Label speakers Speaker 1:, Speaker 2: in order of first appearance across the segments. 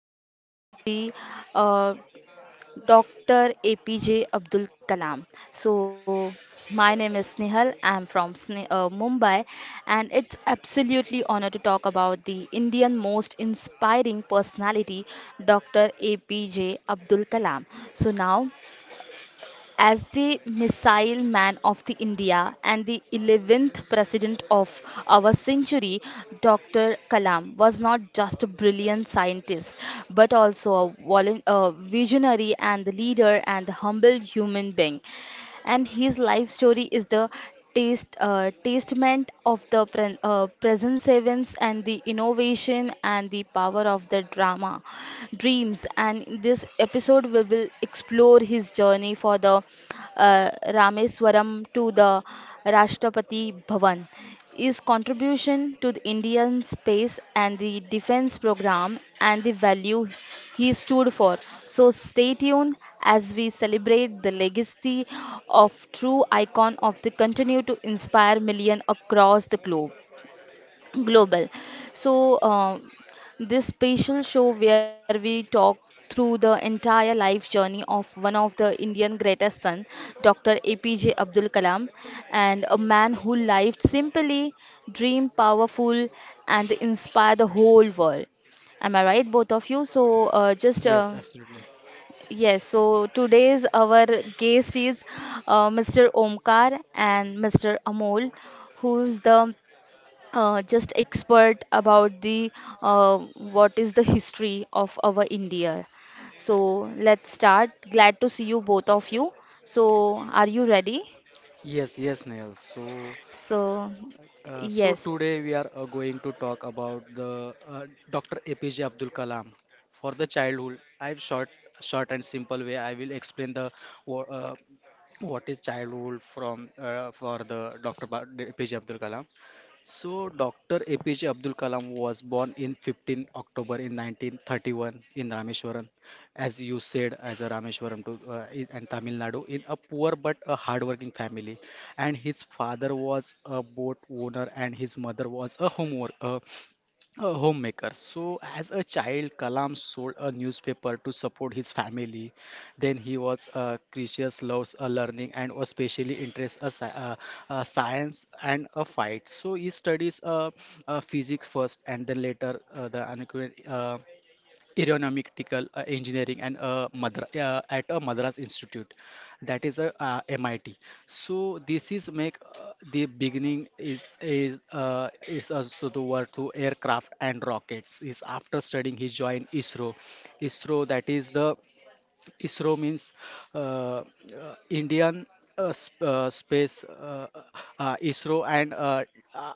Speaker 1: and today's episode is the uh, Dr. APJ Abdul Kalam. So my name is Snehal, I'm from Mumbai, and it's absolutely honor to talk about the Indian most inspiring personality Dr. APJ Abdul Kalam. So now, as the missile man of the India and the 11th president of our century, Dr. Kalam was not just a brilliant scientist, but also a a visionary and the leader and the humble human being, and his life story is the testament of the present savings and the innovation and the power of the drama dreams. And in this episode we will explore his journey for the uh, rameswaram to the rashtrapati bhavan, his contribution to the Indian space and the defense program and the value he stood for. So stay tuned as we celebrate the legacy of true icon of the continue to inspire millions across the globe global. So, this special show where we talk through the entire life journey of one of the Indian greatest son, Dr. APJ Abdul Kalam, and a man who lived simply, dreamed powerful, and inspired the whole world. Am I right, both of you? So, just
Speaker 2: Yes, absolutely.
Speaker 1: yes. So today's our guest is Mr. Omkar and Mr. Amol, who's the just expert about the uh, what is the history of our India. So let's start. Glad to see you both of you. So are you ready?
Speaker 2: Yes, yes, Neil. So,
Speaker 1: So
Speaker 2: uh, so
Speaker 1: yes,
Speaker 2: today we are going to talk about the Dr. APJ Abdul Kalam for the childhood. I've short and simple way. I will explain the wha- uh, what is childhood from for the Dr. APJ Abdul Kalam. So, Dr. APJ Abdul Kalam was born in 15 October in 1931 in Rameshwaram, as you said, as a Rameshwaram to, in, and Tamil Nadu, in a poor but a hardworking family. And his father was a boat owner, and his mother was a homemaker. So, as a child, Kalam sold a newspaper to support his family. Then he was curious, loves learning, and was specially interested science and a fight. So he studies physics first, and then later the aeronautical engineering and at a Madras Institute, that is a MIT. So this is make the beginning is also the work to aircraft and rockets. Is after studying he joined ISRO. ISRO that is the ISRO means Indian sp Space ISRO and uh,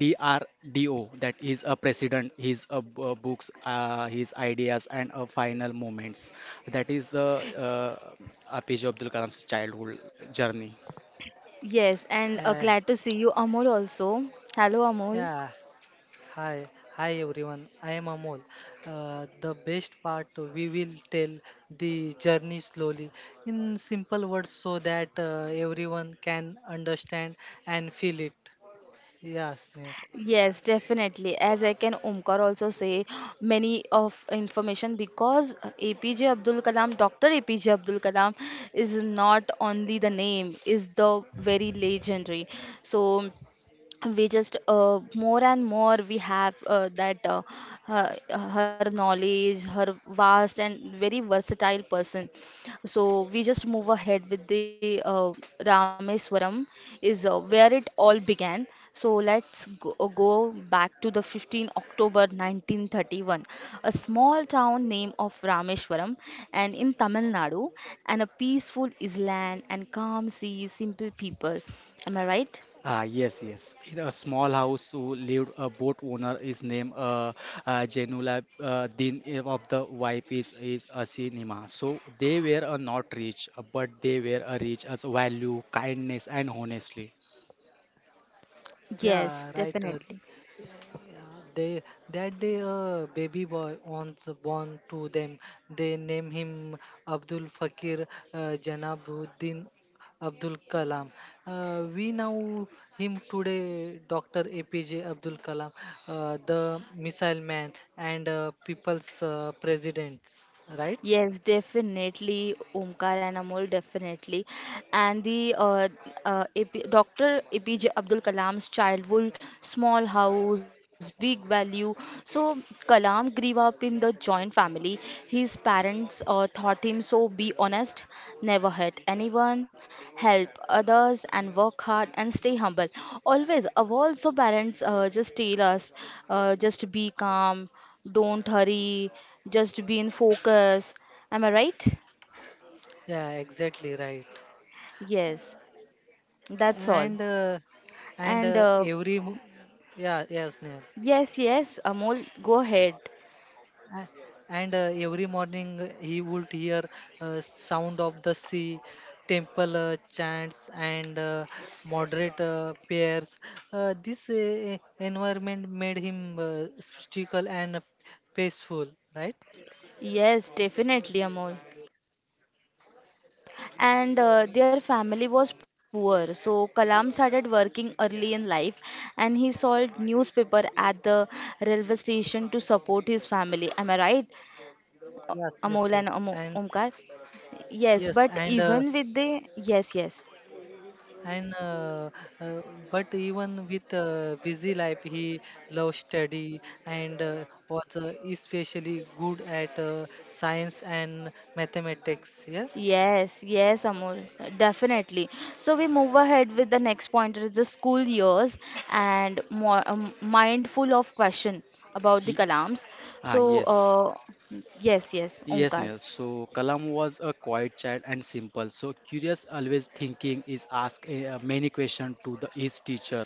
Speaker 2: DRDO that is a president, his books, his ideas and final moments. That is the APJ Abdul Kalam's childhood journey.
Speaker 1: yes, and
Speaker 3: Uh,
Speaker 1: glad to see you, Amol also. Hello, Amol.
Speaker 3: yeah, hi, hi, everyone. I am Amol. The best part, we will tell the journey slowly in simple words so that everyone can understand and feel it. Yes, yeah, Sneh.
Speaker 1: Yes, definitely. As I can Omkar also say, many of information because APJ Abdul Kalam, Dr. APJ Abdul Kalam, is not only the name, is the very legendary. So we just more and more we have her, her knowledge her vast and very versatile person, so we just move ahead with the rameswaram is where it all began. So let's go, go back to the 15th october 1931, a small town name of rameswaram and in tamil nadu, and a peaceful island and calm sea simple people. Am I right?
Speaker 2: Ah, yes, yes. In a small house who lived a boat owner is named Jainula Din of the wife is Asinima. So they were not rich, but they were rich as value, kindness, and honestly.
Speaker 3: Yeah,
Speaker 1: Yes,
Speaker 3: right.
Speaker 1: definitely.
Speaker 3: Yeah, they that day a baby boy once born to them. They name him Abdul Fakir Janabuddin Abdul Kalam. We know him today, Dr. APJ Abdul Kalam, the missile man and people's presidents. Right?
Speaker 1: Yes, definitely, Omkar and Amol, definitely. And the AP, Dr. APJ Abdul Kalam's childhood, small house, big value. So, Kalam grew up in the joint family. His parents taught him so be honest, never hurt anyone, help others, and work hard and stay humble. Always, also, parents just tell us just to be calm. Don't hurry, just be in focus. Am I right?
Speaker 3: Yeah, exactly right.
Speaker 1: Yes, that's all.
Speaker 3: And uh, and
Speaker 1: And
Speaker 3: uh, every mo- yeah, yes, Neil.
Speaker 1: Yes, yes, Amol, go ahead.
Speaker 3: A- And Every morning, he would hear sound of the sea, temple chants, and moderate prayers. This environment made him spiritual and peaceful, right?
Speaker 1: Yes, definitely, Amol. And their family was poor, so Kalam started working early in life, and he sold newspaper at the railway station to support his family. Am I right, A-
Speaker 3: Yes, yes,
Speaker 1: Amol and
Speaker 3: yes.
Speaker 1: Amo
Speaker 3: And
Speaker 1: Omkar? Yes,
Speaker 3: yes,
Speaker 1: but even with the yes, yes.
Speaker 3: and uh, but even with busy life, he loved study and was especially good at science and mathematics. Yeah,
Speaker 1: Yes, yes, Amol, definitely. So we move ahead with the next point, is the school years and more mindful of question about the
Speaker 2: He,
Speaker 1: kalams.
Speaker 2: ah,
Speaker 1: So,
Speaker 2: yes.
Speaker 1: yes, yes,
Speaker 2: Yes,
Speaker 1: Omkar.
Speaker 2: Neil. So Kalam was a quiet child and simple. So curious, always thinking is asked many questions to the his teacher.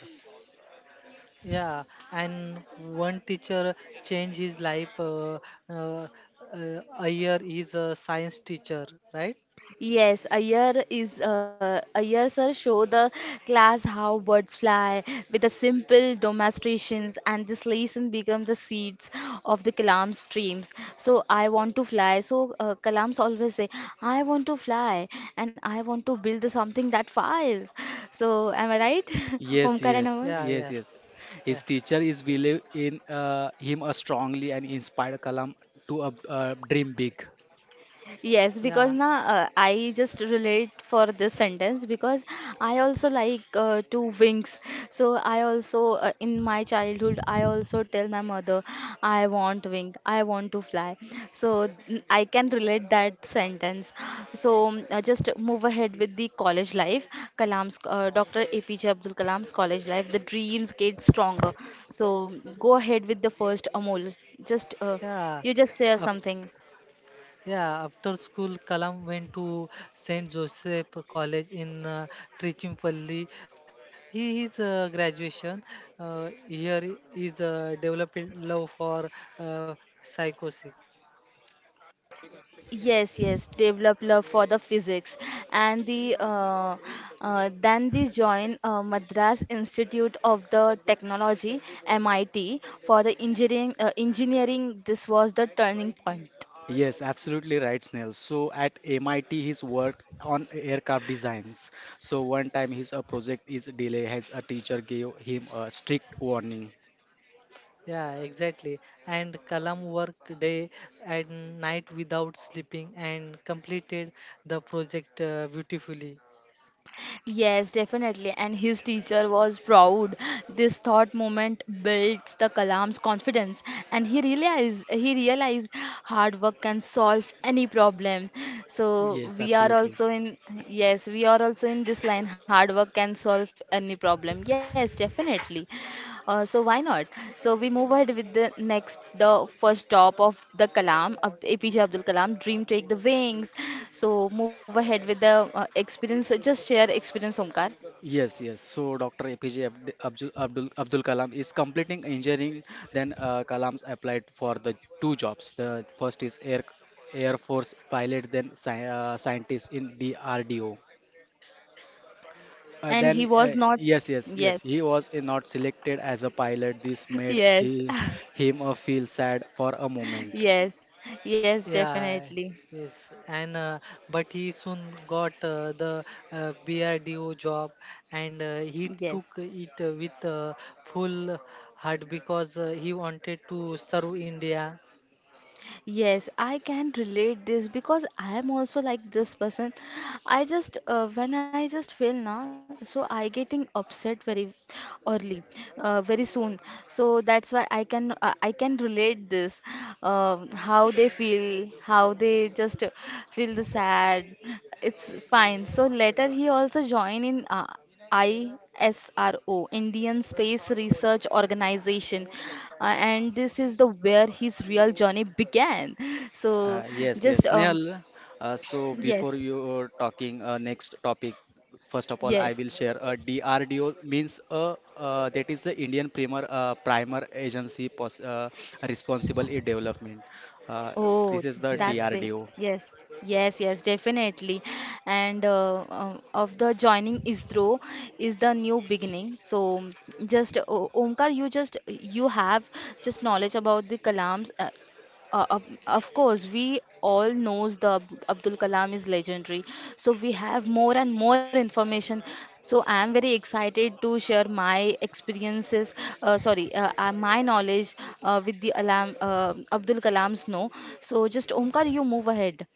Speaker 3: yeah. And one teacher changed his life. Uh, Iyer is a science teacher, right?
Speaker 1: Yes, a year, sir. Show the class how birds fly with the simple demonstrations, and this lesson become the seeds of the Kalam's dreams. So I want to fly. So Kalams always say, I want to fly, and I want to build something that flies. So am I right,
Speaker 2: Yes,
Speaker 1: Omkar and
Speaker 2: yes,
Speaker 1: Amar?
Speaker 3: Yeah, yeah,
Speaker 2: yes, yes.
Speaker 3: yeah,
Speaker 2: His teacher is believe in him strongly and inspired Kalam to dream big.
Speaker 1: Yes, because
Speaker 3: yeah,
Speaker 1: now I just relate for this sentence because I also like to wings. So I also in my childhood I also tell my mother I want wing, I want to fly. So I can relate that sentence. So just move ahead with the college life, Kalam's Dr. APJ Abdul Kalam's college life. The dreams get stronger. So go ahead with the first Amol. Just
Speaker 3: yeah.
Speaker 1: You just share something.
Speaker 3: Yeah, after school, Kalam went to Saint Joseph College in Trichinpalli. He his graduation, here is developed love for uh, psychosis.
Speaker 1: Yes, yes, develop love for the physics and the then they join Madras Institute of the Technology MIT for the engineering, this was the turning point.
Speaker 2: Yes, absolutely right, Snail. So at MIT, his work on aircraft designs. So one time his project is delayed, his a teacher gave him a strict warning.
Speaker 3: Yeah, exactly. And Kalam worked day and night without sleeping and completed the project beautifully.
Speaker 1: Yes, definitely. And his teacher was proud. This thought moment builds the Kalam's confidence, and he realized hard work can solve any problem. So
Speaker 2: Yes,
Speaker 1: we are
Speaker 2: absolutely.
Speaker 1: also in yes, we are also in this line. Hard work can solve any problem. Yes, definitely. So why not? So we move ahead with the next, the first stop of the Kalam, APJ Abdul Kalam, Dream Take the Wings. So move ahead with the experience, just share experience, Omkar.
Speaker 2: Yes, yes. So Dr. APJ Abdul Kalam is completing engineering. Then Kalam's applied for the two jobs. The first is Air Force pilot, then scientist in DRDO.
Speaker 1: And
Speaker 2: Then,
Speaker 1: he was not,
Speaker 2: yes, yes, yes.
Speaker 1: yes,
Speaker 2: He was not selected as a pilot. This made
Speaker 1: yes,
Speaker 2: he him feel sad for a moment.
Speaker 1: yes, yes,
Speaker 3: Yeah,
Speaker 1: definitely,
Speaker 3: yes, and but he soon got the BRDO job, and he took
Speaker 1: yes.
Speaker 3: it with full heart because he wanted to serve India.
Speaker 1: Yes, I can relate this because I am also like this person. I just when I just feel now, so I getting upset very early, very soon. So that's why I can relate this, how they feel, how they just feel the sad. It's fine. So later he also join in. ISRO, Indian Space Research Organization, and this is the where his real journey began. So
Speaker 2: Yes, yes,
Speaker 1: just
Speaker 2: Snehal. So before
Speaker 1: yes,
Speaker 2: you are talking next topic, first of all, I
Speaker 1: yes.
Speaker 2: will share a DRDO means that is the Indian Primer Agency pos responsible in development. Uh,
Speaker 1: Oh,
Speaker 2: this is the
Speaker 3: Yeah,
Speaker 1: that's
Speaker 3: yeah,
Speaker 1: great.
Speaker 2: DRDO.
Speaker 1: Yes, yes, yes, definitely. And of the joining ISRO is the new beginning. So just Omkar, you just you have just knowledge about the Kalam's of course, we all knows the Abdul Kalam is legendary. So we have more and more information. So I am very excited to share my experiences. My knowledge with the Alam Abdul Kalam's no. So just Omkar, you move ahead.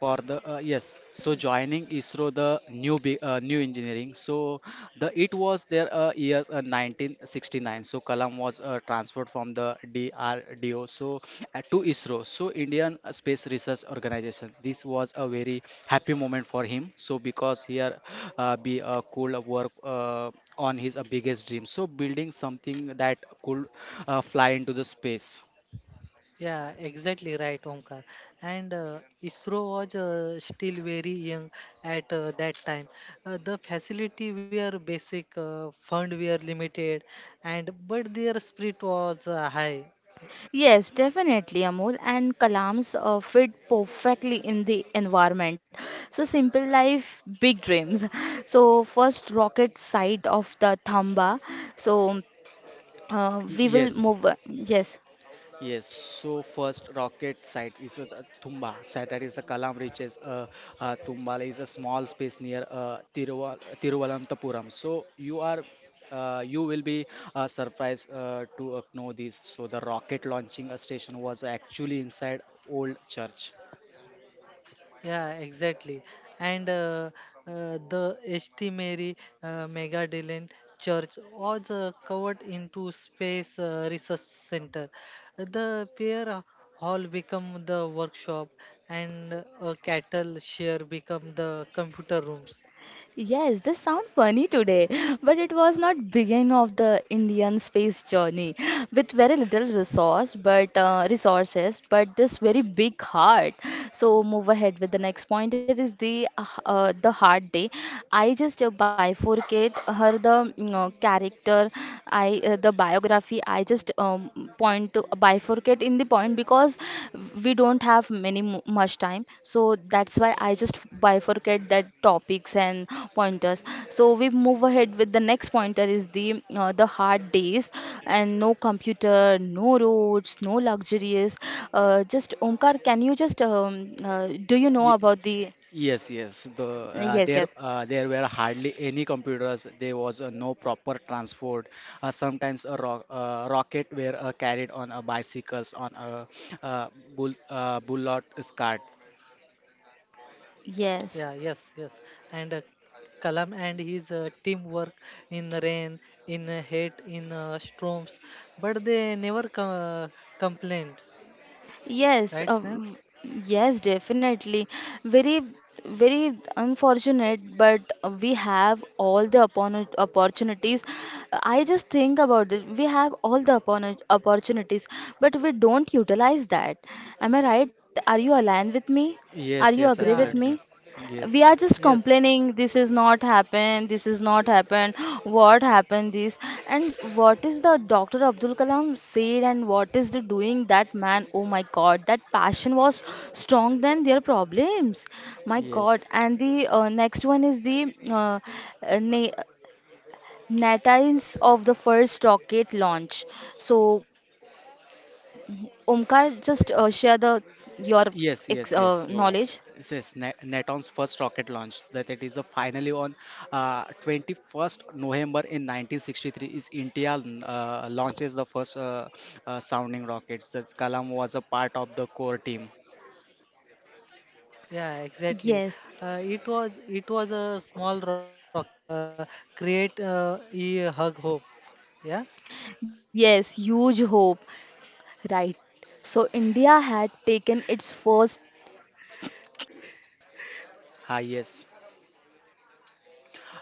Speaker 2: For the yes, so joining ISRO the new new engineering. So the it was there years 1969. So Kalam was transferred from the DRDO so to ISRO. So Indian Space Research Organization. This was a very happy moment for him. So because here be could work on his biggest dream. So building something that could fly into the space.
Speaker 3: yeah, exactly right, Omkar. And ISRO was still very young at that time. The facility were basic, fund were limited, and but their spirit was high.
Speaker 1: Yes, definitely, Amol. And Kalam's fit perfectly in the environment. So, simple life, big dreams. So, first rocket site of the Thamba. So, uh, we will
Speaker 2: Yes.
Speaker 1: move on. Yes.
Speaker 2: Yes, so first rocket site is the Tumba site that is the Kalam reaches. Tumbala is a small space near Tiruvalamanthapuram. So you will be surprised to know this. So the rocket launching station was actually inside old church.
Speaker 3: Yeah, exactly. And The St. Mary Magdalene Church was covered into Space Research Center. The pier hall become the workshop, and a cattle share become the computer rooms.
Speaker 1: Yes, this sounds funny today, but it was not beginning of the Indian space journey with very little resource, but resources, but this very big heart. So move ahead with the next point. It is the hard day. I just bifurcate her the character, I the biography. I just point to bifurcate in the point because we don't have many much time, so that's why I just bifurcate that topics and pointers, so we move ahead with the next pointer is the hard days and no computer, no roads, no luxurious. Just omkar, can you just do you know about the
Speaker 2: Yes, yes. The uh,
Speaker 1: yes,
Speaker 2: there
Speaker 1: yes,
Speaker 2: uh, there were hardly any computers. There was no proper transport. Sometimes a ro rocket were carried on bicycles on a uh, bullock cart.
Speaker 3: Yeah, yes, yes.
Speaker 1: yes.
Speaker 3: And Kalam and his teamwork, in the rain, in heat, in storms, but they never complained. Right,
Speaker 1: Yes,
Speaker 3: Sneh?
Speaker 1: yes, definitely. Very, very unfortunate, but we have all the opportunities. I just think about it. We have all the opportunities, but we don't utilize that. Am I right? Are you aligned with me? Are you
Speaker 2: Yes,
Speaker 1: agree
Speaker 2: yes,
Speaker 1: with
Speaker 3: Yeah,
Speaker 1: me?
Speaker 2: absolutely.
Speaker 1: We are
Speaker 2: Yes,
Speaker 1: just
Speaker 3: yes,
Speaker 1: complaining, this is not happened, this is not happened, what happened this, and what is the dr abdul kalam said, and what is the doing that man? Oh my god, that passion was strong than their problems. My god.
Speaker 2: yes.
Speaker 1: And the next one is the uh, uh, na- natines of the first rocket launch. So omkar, just share the your
Speaker 2: Yes, yes,
Speaker 1: knowledge.
Speaker 2: yes. So this is NATO's first rocket launch that it is a finally on 21st November in 1963 is India launches the first sounding rockets. That Kalam was a part of the core team.
Speaker 3: yeah, exactly.
Speaker 1: Yes.
Speaker 3: It was a small rocket, but create a hug hope. Yeah,
Speaker 1: Yes, huge hope. Right. So India had taken its first.
Speaker 2: Ah, yes.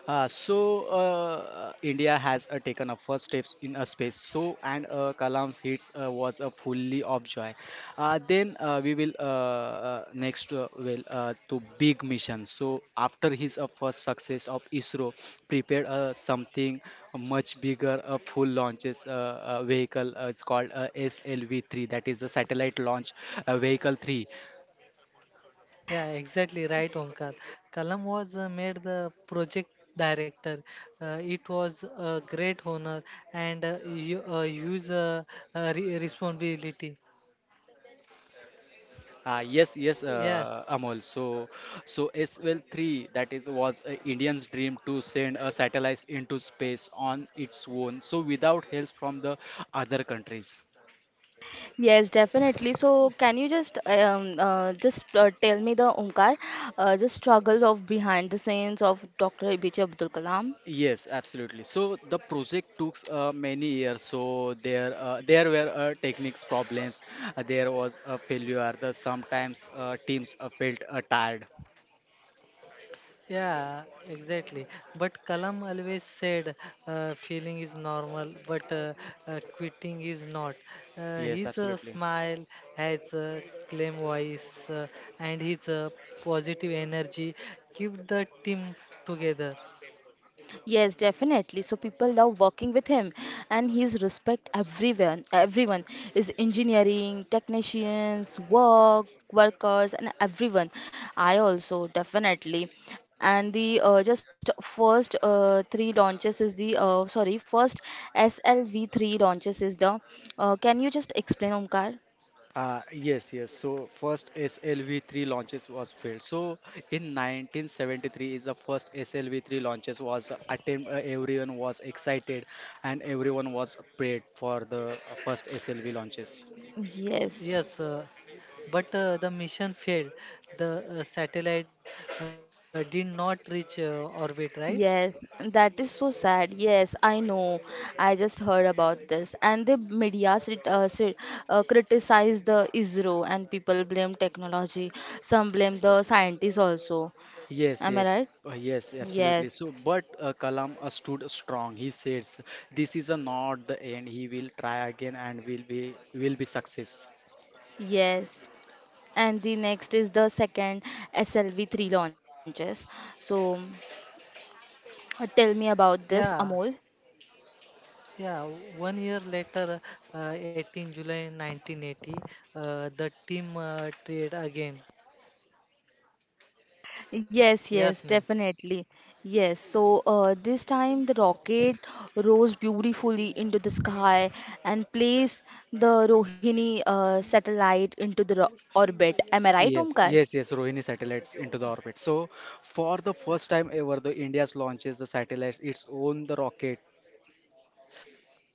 Speaker 2: So India has taken a first steps in a space. So and Kalam's hits was a fully of joy. Then we will next will to big mission. So after his first success of ISRO, prepared something much bigger, full launches vehicle. It's called SLV3. That is the satellite launch vehicle 3.
Speaker 3: yeah, exactly right, Omkar. Kalam was made the project director. It was a great honor and use responsibility.
Speaker 2: Yes, yes,
Speaker 3: Yes,
Speaker 2: Amol. So SL-3 that is was a Indian's dream to send a satellite into space on its own, so without help from the other countries.
Speaker 1: Yes, definitely. So can you just tell me the Omkar, the struggles of behind the scenes of Dr. APJ Abdul Kalam?
Speaker 2: Yes, absolutely. So the project took many years. So there were techniques problems. There was a failure. The sometimes teams felt tired.
Speaker 3: yeah, exactly. But Kalam always said, feeling is normal, but quitting is not.
Speaker 2: Yes,
Speaker 3: His
Speaker 2: absolutely.
Speaker 3: smile has a calm voice, and his positive energy keep the team together.
Speaker 1: Yes, definitely. So people love working with him, and he's respect everyone. Everyone is engineering, technicians, workers, and everyone. I also definitely. And the just first three launches is the sorry first SLV three launches is the. Can you just explain Omkar?
Speaker 2: Yes, yes. So first SLV3 launches was failed. So in 1973 is the first SLV3 launches was attempt. Everyone was excited, and everyone was prayed for the first SLV launches.
Speaker 1: Yes.
Speaker 3: Yes, but the mission failed. The satellite did not reach orbit, right?
Speaker 1: Yes, that is so sad. Yes, I know. I just heard about this. And the media criticize the ISRO and people blame technology. Some blame the scientists also.
Speaker 2: Yes,
Speaker 1: Am I
Speaker 2: yes,
Speaker 1: right?
Speaker 2: yes, absolutely.
Speaker 1: Yes.
Speaker 2: So, but Kalam stood strong. He says, "This is a not the end. He will try again and will be success."
Speaker 1: Yes. And the next is the second SLV3 launches. So tell me about this,
Speaker 3: Yeah.
Speaker 1: Amol.
Speaker 3: Yeah, one year later, 18 July 1980, the team trade again.
Speaker 1: Yes, yes,
Speaker 3: Yes, Neha.
Speaker 1: definitely. Yes. So this time the rocket rose beautifully into the sky and placed the Rohini satellite into the ro orbit. Am I right,
Speaker 2: Yes,
Speaker 1: Omkar?
Speaker 2: yes, yes, Rohini satellites into the orbit. So, for the first time ever, the India's launches the satellites its own the rocket.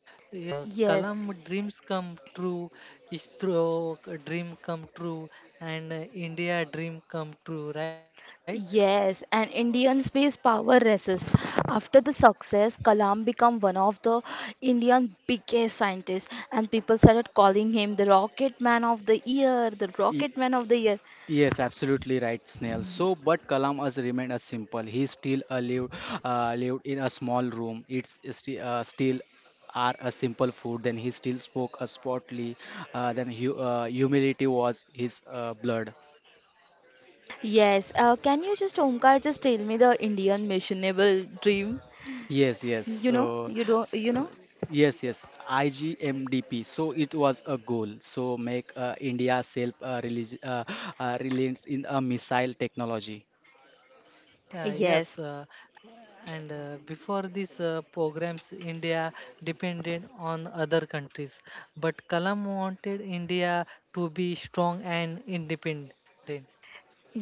Speaker 3: Yes.
Speaker 1: Yes.
Speaker 3: Kalam dreams come true, ISRO dream come true, and India dream come true, right?
Speaker 1: Yes, and Indian space power resist. After the success, Kalam became one of the Indian biggest scientists, and people started calling him the Rocket Man of the Year, the
Speaker 2: Y-
Speaker 1: Rocket Man of the Year.
Speaker 2: yes, absolutely right, Snail. So, but Kalam has remained as simple. He still lived in a small room. It's still are a simple food. Then he still spoke a sportly. Then hu humility was his blood.
Speaker 1: Yes, can you just Omkar just tell me the Indian missionable dream?
Speaker 2: Yes, yes.
Speaker 1: You know,
Speaker 2: So,
Speaker 1: you don't,
Speaker 2: s-
Speaker 1: you
Speaker 2: uh,
Speaker 1: know?
Speaker 2: yes, yes. IGMDP. So it was a goal. So make India self relig reliant in a missile technology.
Speaker 3: Yeah, yes.
Speaker 1: Yes.
Speaker 3: And Before these programs, India depended on other countries, but Kalam wanted India to be strong and independent.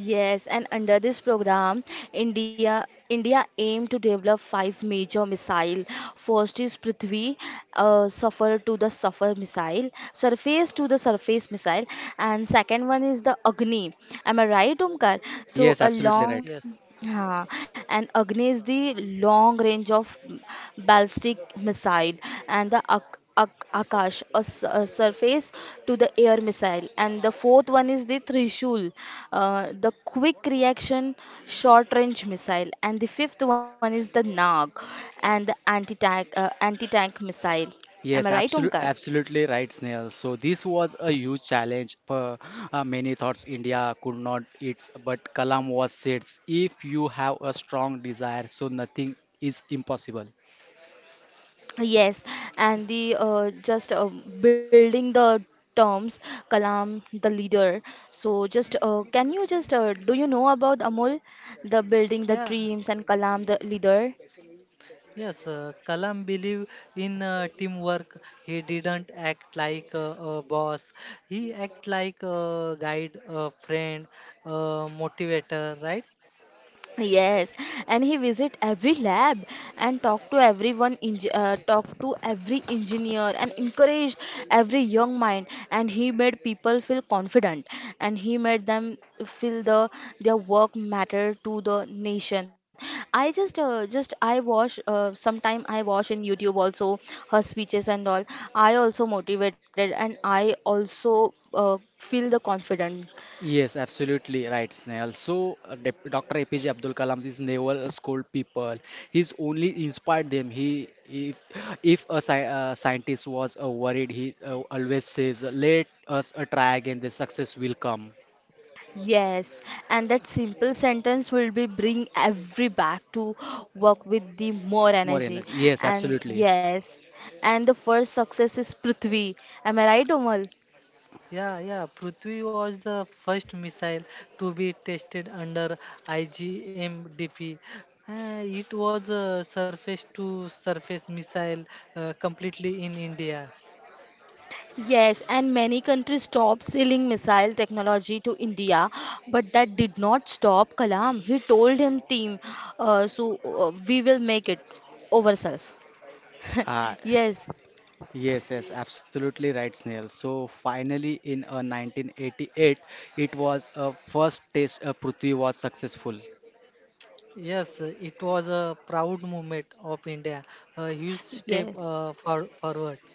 Speaker 1: Yes, and under this program, India aimed to develop five major missile. First is Prithvi, Safar missile, surface to the surface missile, and second one is the Agni. Am I right, Omkar? So
Speaker 2: Yes,
Speaker 1: a
Speaker 2: absolutely right.
Speaker 1: long
Speaker 3: Yes.
Speaker 1: Huh. And Agni is the long range of ballistic missile, and the Ak Akash, a surface to the air missile. And the fourth one is the Trishul, the quick reaction short range missile. And the fifth one is the Nag and the anti tank missile. Am I
Speaker 2: Yes,
Speaker 1: right,
Speaker 2: absolute,
Speaker 1: Omkar?
Speaker 2: absolutely right, Snail. So this was a huge challenge. For, many thoughts India could not its, but Kalam was said, if you have a strong desire, so nothing is impossible.
Speaker 1: Yes, and
Speaker 3: Yes.
Speaker 1: the just building the terms, Kalam, the leader. So just can you just do you know about Amul, the building the
Speaker 3: Yeah,
Speaker 1: dreams and Kalam the leader?
Speaker 3: yes. Kalam believed in teamwork. He didn't act like a boss. He act like a guide, a friend, a motivator, right?
Speaker 1: Yes, and he visit every lab and talk to everyone, talk to every engineer and encourage every young mind. And he made people feel confident, and he made them feel the their work matter to the nation. I just I watch sometime I watch in YouTube also her speeches and all. I also motivated and I also feel the confident.
Speaker 2: Yes, absolutely right, Snail. So Dr. APJ Abdul Kalam is never scold people. He's only inspired them. He, if a scientist was worried, he always says, "Let us try again. The success will come."
Speaker 1: Yes, and that simple sentence will be bring every back to work with the more
Speaker 2: More
Speaker 1: energy.
Speaker 2: energy. Yes,
Speaker 1: And
Speaker 2: absolutely.
Speaker 1: yes, and the first success is Prithvi. Am I right, Omal?
Speaker 3: Yeah, yeah. Prithvi was the first missile to be tested under IGMDP. It was a surface-to-surface missile, completely in India.
Speaker 1: Yes, and many countries stopped selling missile technology to India, but that did not stop Kalam. He told him team, we will make it ourselves.
Speaker 2: Uh,
Speaker 1: Yes,
Speaker 2: yes, yes, absolutely right, Snail. So finally, in 1988, it was a first test Prithvi was successful.
Speaker 3: Yes, it was a proud moment of India, a huge step
Speaker 1: yes.
Speaker 3: forward.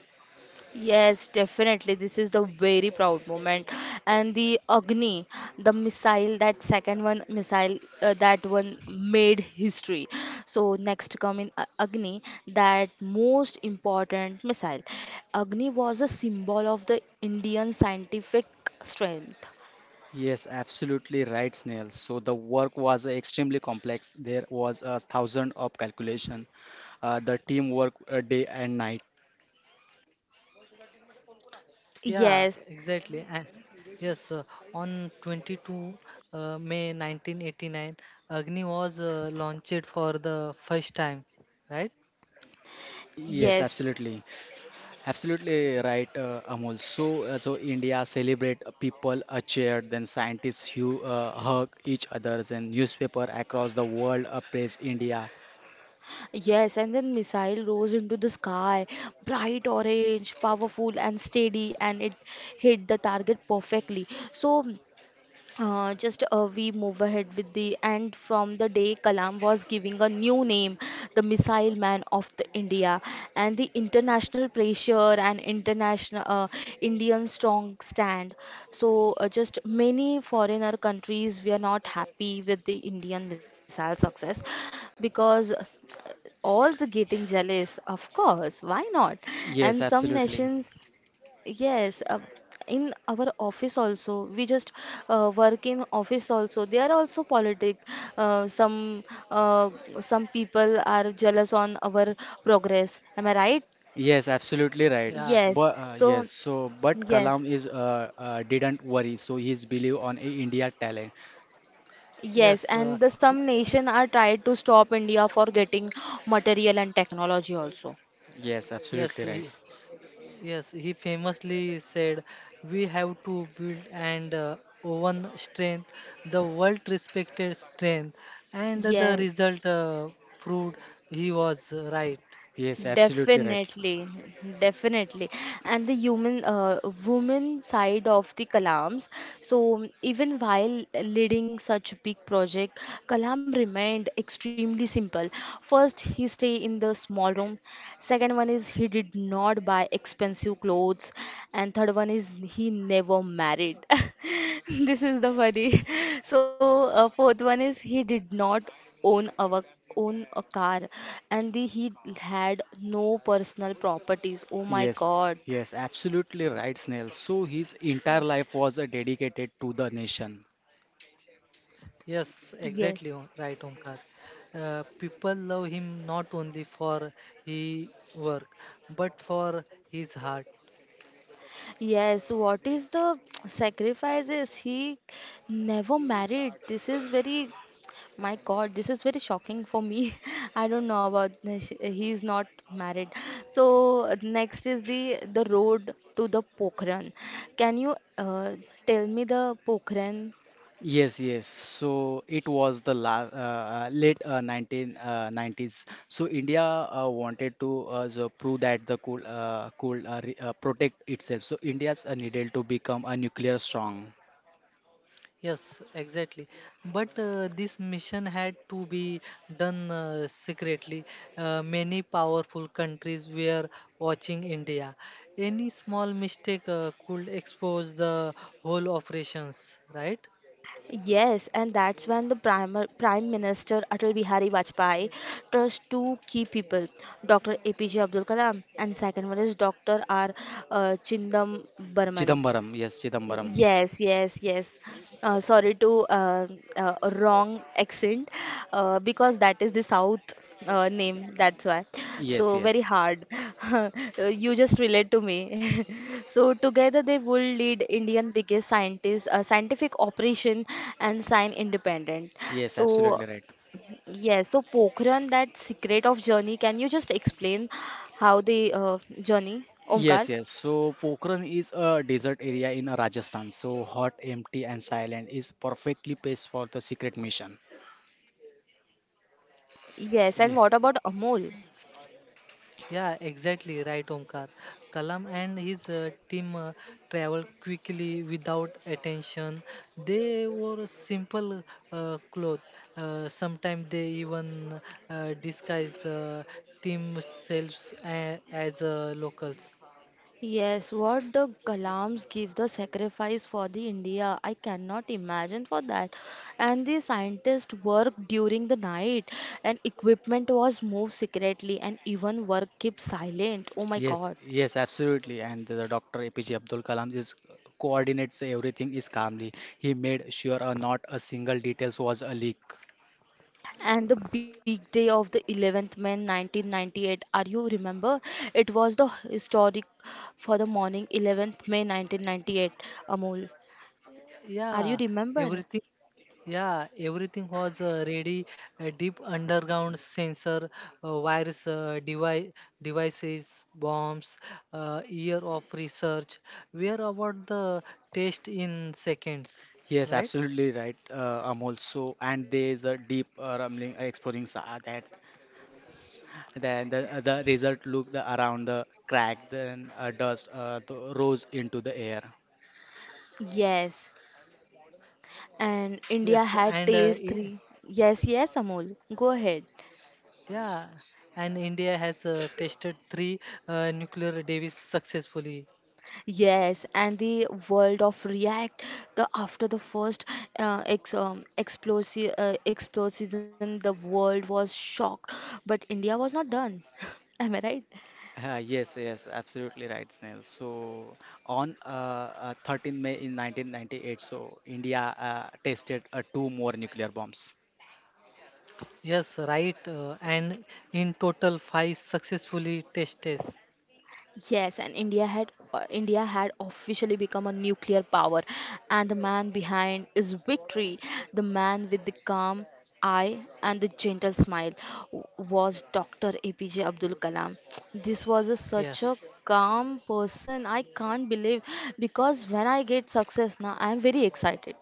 Speaker 1: Yes, definitely. This is the very proud moment. And the Agni, the missile, that second one missile, that one made history. So next come in Agni, that most important missile. Agni was a symbol of the Indian scientific strength.
Speaker 2: Yes, absolutely right, Snail. So the work was extremely complex. There was a thousand of calculation, the teamwork day and night.
Speaker 3: Yeah,
Speaker 1: Yes,
Speaker 3: exactly. Yes, uh, on 22 May 1989, Agni was launched for the first time, right?
Speaker 2: Yes,
Speaker 1: yes,
Speaker 2: absolutely right, Amol. So India celebrate people a cheer, then scientists hu hug each others, and newspaper across the world praise India.
Speaker 1: yes. And then missile rose into the sky, bright orange, powerful and steady, and it hit the target perfectly. So just we move ahead with the and from the day Kalam was giving a new name, the Missile Man of the India, and the international pressure and international Indian strong stand. So just many foreigner countries were not happy with the Indian missile success because all the getting jealous, of course, why not? And
Speaker 2: Yes,
Speaker 1: some
Speaker 2: absolutely.
Speaker 1: nations. Yes, in our office also, we just work in office also. They are also politic. Uh, some uh, some people are jealous on our progress. Am I right?
Speaker 2: Yes, absolutely right.
Speaker 3: Yes,
Speaker 1: Yes.
Speaker 2: But
Speaker 1: So,
Speaker 2: yes, so but
Speaker 1: yes.
Speaker 2: Kalam is didn't worry, so he's believe on India talent.
Speaker 1: Yes,
Speaker 3: yes,
Speaker 1: and the some nation are tried to stop India for getting material and technology also.
Speaker 2: Yes,
Speaker 3: yes.
Speaker 2: absolutely right.
Speaker 3: Yes, he famously said, "We have to build and own strength, the world respected strength," and the
Speaker 1: Yes.
Speaker 3: result proved he was right.
Speaker 2: Yes, absolutely right.
Speaker 1: Definitely, definitely. And the human, woman side of the Kalam's. So even while leading such big project, Kalam remained extremely simple. First, he stay in the small room. Second one is he did not buy expensive clothes. And third one is he never married. This is the funny. So fourth one is he did not own our own a car and the, he had no personal properties. Oh my
Speaker 2: Yes,
Speaker 1: god,
Speaker 2: yes, absolutely right, Snail. So his entire life was dedicated to the nation.
Speaker 3: Yes, exactly
Speaker 1: yes,
Speaker 3: right, Omkar. People love him not only for his work, but for his heart.
Speaker 1: yes. What is the sacrifices he never married? This is very, my god, this is very shocking for me. I don't know about this. He's not married. So next is the road to the Pokhran. Can you tell me the Pokhran?
Speaker 2: Yes, yes. So it was the la late 1990s. So India wanted to so prove that the cool re protect itself. So India's needed to become a nuclear strong.
Speaker 3: Yes, exactly. But this mission had to be done secretly. Many powerful countries were watching India. Any small mistake could expose the whole operations, right?
Speaker 1: Yes, and that's when the Prime Minister Atal Bihari Vajpayee trusts two key people, Dr. APJ Abdul Kalam, and second one is Dr. R. Chindam Barman.
Speaker 2: Chidambaram.
Speaker 1: Yes, yes, yes. Sorry to wrong accent because that is the South name. That's why.
Speaker 2: Yes,
Speaker 1: So very
Speaker 2: yes,
Speaker 1: hard. You just relate to me. So together they would lead Indian biggest scientist scientific operation and sign independent.
Speaker 2: yes,
Speaker 1: So
Speaker 2: absolutely right.
Speaker 1: yes. So Pokhran, that secret of journey. Can you just explain how the journey, Omkar?
Speaker 2: Yes, yes. So Pokhran is a desert area in Rajasthan. So hot, empty, and silent is perfectly placed for the secret mission.
Speaker 1: Yes. And
Speaker 2: Yeah.
Speaker 1: what about Amol?
Speaker 3: Yeah, exactly right, Omkar. Kalam and his team traveled quickly without attention. They wore simple clothes. Sometimes they even disguise team selves as locals.
Speaker 1: Yes, what the Kalams give the sacrifice for the India, I cannot imagine for that. And the scientists worked during the night, and equipment was moved secretly, and even work kept silent. Oh my
Speaker 2: Yes,
Speaker 1: God.
Speaker 2: yes, absolutely. And the Dr. APJ Abdul Kalam is coordinates everything is calmly. He made sure not a single details was a leak.
Speaker 1: And the big day of the 11th May 1998, are you remember? It was the historic for the morning 11th May 1998, Amol. Are you
Speaker 3: Yeah,
Speaker 1: remember?
Speaker 3: everything. Yeah, everything was ready. A deep underground sensor, wires, devices, bombs, year of research. We are about the test in seconds,
Speaker 2: Yes,
Speaker 3: right?
Speaker 2: absolutely right, Amol. So, and there is a deep rumbling, exploring that. Then the result looked the, around the crack, then dust rose into the air.
Speaker 1: Yes.
Speaker 3: Yes,
Speaker 1: And India
Speaker 3: i-
Speaker 1: had taste three. Yes, yes, Amol. Go ahead.
Speaker 3: yeah, and India has tested three nuclear devices successfully.
Speaker 1: Yes, and the world of React. The after the first ex explosi explosion, the world was shocked, but India was not done. Am I right?
Speaker 2: Yes, yes, absolutely right, Snail. So, on 13 May in 1998, so India tested two more nuclear bombs.
Speaker 3: Yes, right, and in total five successfully tested.
Speaker 1: Yes, and India had officially become a nuclear power, and the man behind is victory. The man with the calm eye and the gentle smile w- was Dr. APJ Abdul Kalam. This was a, such a
Speaker 3: Yes.
Speaker 1: calm person. I can't believe because when I get success now, I am very excited.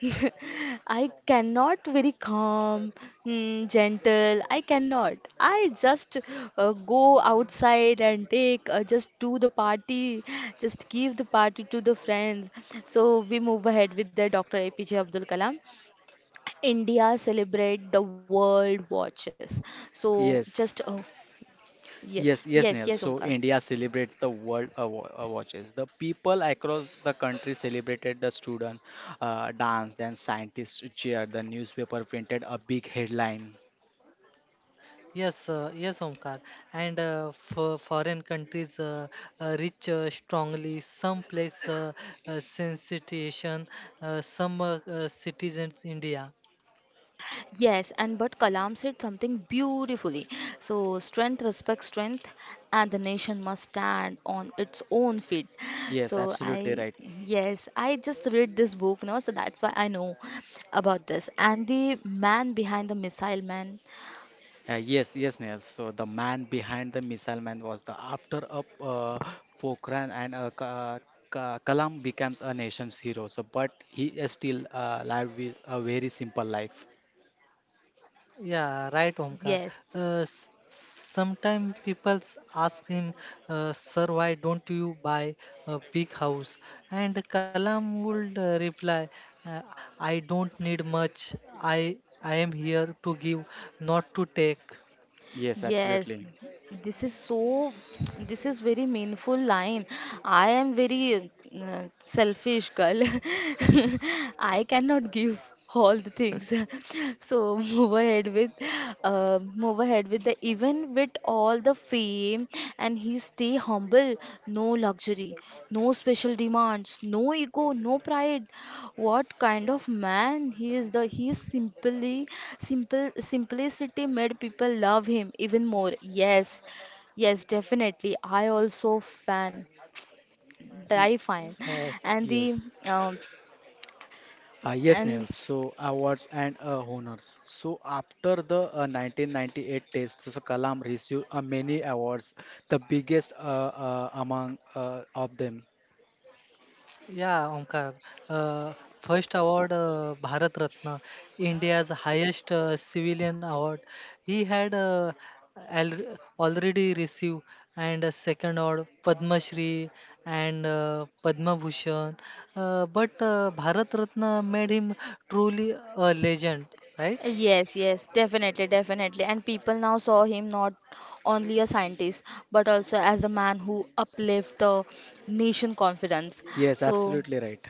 Speaker 1: I cannot very calm, mm, gentle. I cannot. I just go outside and take just do the party, just give the party to the friends. So we move ahead with the Dr. APJ Abdul Kalam. India celebrate the world watches. So just
Speaker 2: Yes,
Speaker 1: oh, yeah,
Speaker 2: yes,
Speaker 1: yes,
Speaker 2: yes,
Speaker 1: yes,
Speaker 2: Neil.
Speaker 1: Omkar.
Speaker 2: So India celebrates the World Watches. The people across the country celebrated the student dance, then scientists cheered. The newspaper printed a big headline.
Speaker 3: Yes, yes, Omkar. And For foreign countries reach strongly, some place sensitization, some citizens India.
Speaker 1: Yes, and but Kalam said something beautifully. So, strength respects strength, and the nation must stand on its own feet.
Speaker 2: Yes,
Speaker 1: So,
Speaker 2: absolutely
Speaker 1: I,
Speaker 2: right.
Speaker 1: yes, I just read this book now, so that's why I know about this. And the man behind the missile man,
Speaker 2: Yes, yes, Neil. So the man behind the missile man was the after of Pokhran and Ka Ka Kalam becomes a nation's hero. So, but he is still alive with a very simple life.
Speaker 3: Yeah, right,
Speaker 1: yes.
Speaker 3: Omkar. Sometimes people ask him, "Sir, why don't you buy a big house?" And Kalam would reply, uh, "I don't need much. I am here to give, not to take."
Speaker 2: Yes,
Speaker 1: Yes,
Speaker 2: absolutely.
Speaker 1: this is so, this is very meaningful line. I am very selfish girl. I cannot give all the things. So move ahead with the even with all the fame and he stay humble. No luxury, no special demands, no ego, no pride. What kind of man he is? The he is simply simple simplicity made people love him even more. Yes. Yes, definitely. I also fan
Speaker 2: Y-
Speaker 1: die fine.
Speaker 3: Yeah,
Speaker 1: And the
Speaker 2: Yes.
Speaker 1: um
Speaker 2: Yes, Neil.
Speaker 1: and
Speaker 2: So awards and honors. So after the 1998 test, so Kalam received many awards, the biggest among of them.
Speaker 3: yeah, Omkar. Uh, First award, Bharat Ratna, India's highest civilian award. He had already received, and a second award, Padma Shri and Padma Bhushan. But Bharat Ratna made him truly a legend, right?
Speaker 1: yes, yes, definitely, definitely. And people now saw him not only a scientist, but also as a man who uplift the nation confidence.
Speaker 2: Yes,
Speaker 1: So,
Speaker 2: absolutely right.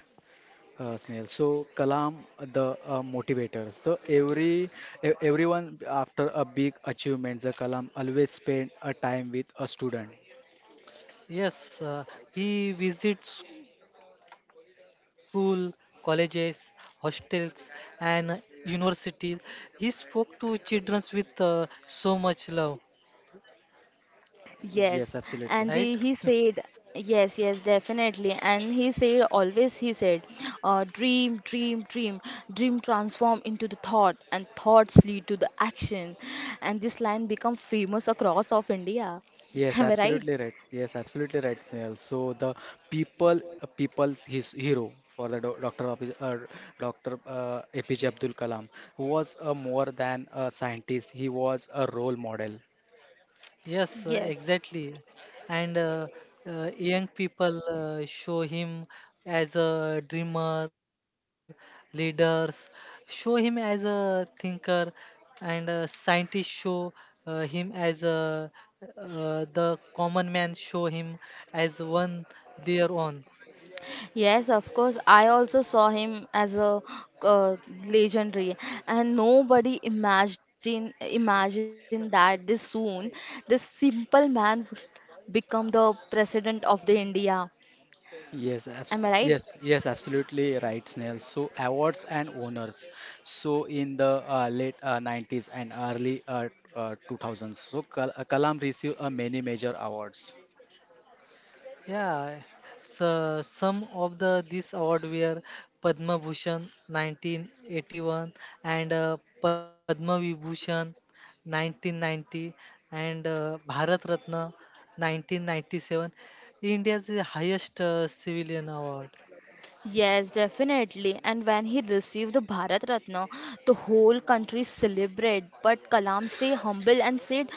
Speaker 2: Snail. So Kalam, the motivators. So everyone after a big achievement, the Kalam always spend a time with a student.
Speaker 3: Yes, he visits school, colleges, hostels, and universities. He spoke to children with so much love,
Speaker 1: yes.
Speaker 2: Yes,
Speaker 3: right?
Speaker 1: And
Speaker 2: absolutely.
Speaker 1: the, he said, yes, yes, definitely. And he said, always he said, dream, dream, dream, dream transform into the thought, and thoughts lead to the action. And this line become famous across of India.
Speaker 2: Yes,
Speaker 1: Am I right?
Speaker 2: absolutely right. Yes, absolutely right, Snail. So the people's his hero for the Dr. Dr. APJ Abdul Kalam was a more than a scientist. He was a role model.
Speaker 3: Yes,
Speaker 1: Yes.
Speaker 3: exactly. And Young people show him as a dreamer, leaders show him as a thinker, and scientists show him as a the common man show him as one their own.
Speaker 1: Yes, of course. I also saw him as a uh, legendary, and nobody imagined that this soon this simple man would become the president of the India.
Speaker 2: Yes,
Speaker 1: Am I
Speaker 2: abs
Speaker 1: right?
Speaker 2: yes, yes, absolutely right, Snail. So awards and honors. So in the late 90s and early 2000s, so Kalam received many major awards.
Speaker 3: Yeah, so some of the this award were Padma Bhushan 1981 and Padma Vibhushan 1990 and Bharat Ratna 1997. India's highest civilian award.
Speaker 1: Yes, definitely. And when he received the Bharat Ratna, the whole country celebrated. But Kalam stayed humble and said,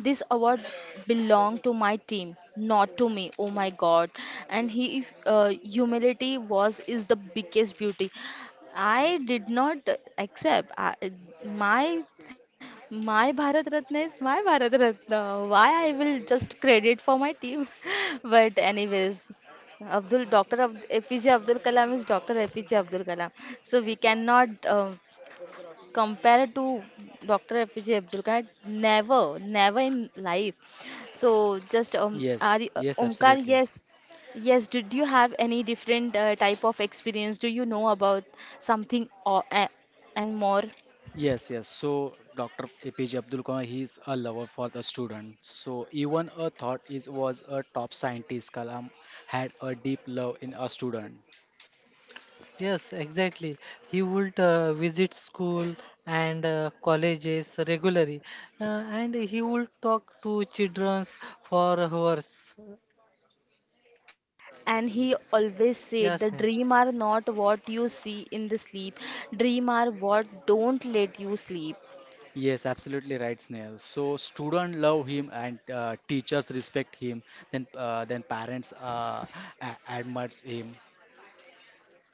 Speaker 1: "This award belonged to my team, not to me." Oh my God. And he, humility was is the biggest beauty. I did not accept. I, my my Bharat Ratna is my Bharat Ratna. Why I will just credit for my team? But anyways, Abdul, Dr. Ab APJ Abdul Kalam is Dr. APJ Abdul Kalam. So we cannot compare to Dr. APJ Abdul Kalam. Never, never in life. So just
Speaker 2: Yes, yes,
Speaker 1: Omkar,
Speaker 2: absolutely.
Speaker 1: yes, yes. Did you have any different type of experience? Do you know about something or a and more?
Speaker 2: Yes. So Dr. APJ Abdul Kalam, he is a lover for the student. So even a thought is was a top scientist. Kalam had a deep love in a student.
Speaker 3: Yes, exactly. He would visit school and colleges regularly, uh, and he would talk to children for hours.
Speaker 1: And he
Speaker 3: Yes, Sneha.
Speaker 1: always said, the dream are not what you see in the sleep. Dream are what don't let you sleep.
Speaker 2: Yes, absolutely right, Snail. So students love him and teachers respect him. Then parents admires him.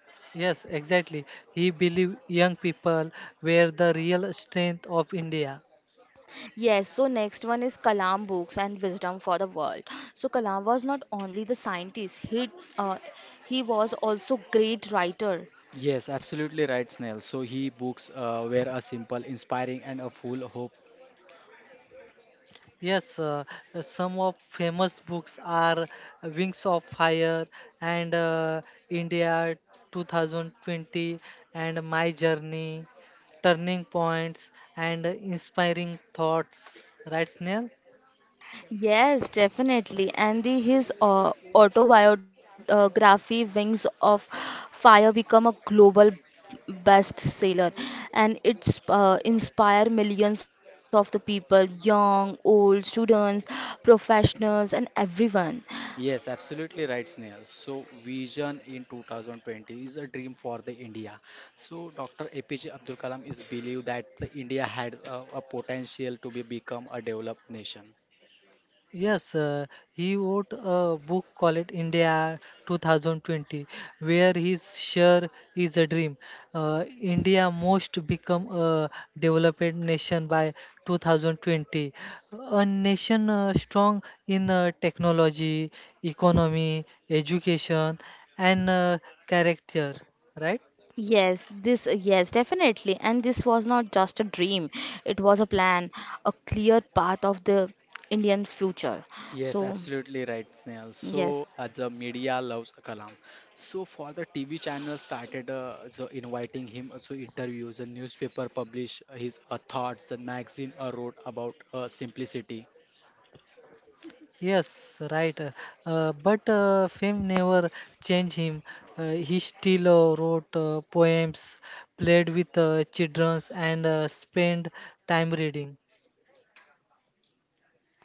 Speaker 3: Yes, exactly. He believed young people were the real strength of India.
Speaker 1: Yes, so next one is Kalam books and wisdom for the world. So Kalam was not only the scientist, uh, he was also great writer.
Speaker 2: Yes, absolutely right, Snail. So he books were a simple, inspiring, and a full of hope.
Speaker 3: Yes, some of famous books are Wings of Fire and India 2020 and My Journey, Turning Points, and Inspiring Thoughts. Right, Snail?
Speaker 1: Yes, definitely. And the, his autobiography Wings of Fire become a global bestseller and it's inspire millions of the people, young, old, students, professionals and everyone.
Speaker 2: Yes, absolutely right, Snail. So vision in 2020 is a dream for the India. So Dr. APJ Abdul Kalam is believed that the India had a potential to be become a developed nation.
Speaker 3: Yes, he wrote a book called India 2020, where his share is a dream. India must become a developed nation by 2020, a nation strong in technology, economy, education, and character. Right?
Speaker 1: Yes, this, yes, definitely. And this was not just a dream, it was a plan, a clear path of the Indian future.
Speaker 2: Yes,
Speaker 1: So,
Speaker 2: absolutely right, Snail. So,
Speaker 1: yes.
Speaker 2: the media loves Kalam. So, for the TV channel started so inviting him to interviews. The newspaper published his thoughts. The magazine wrote about simplicity.
Speaker 3: Yes, right. But fame never changed him. He still wrote poems, played with children, and spent time reading.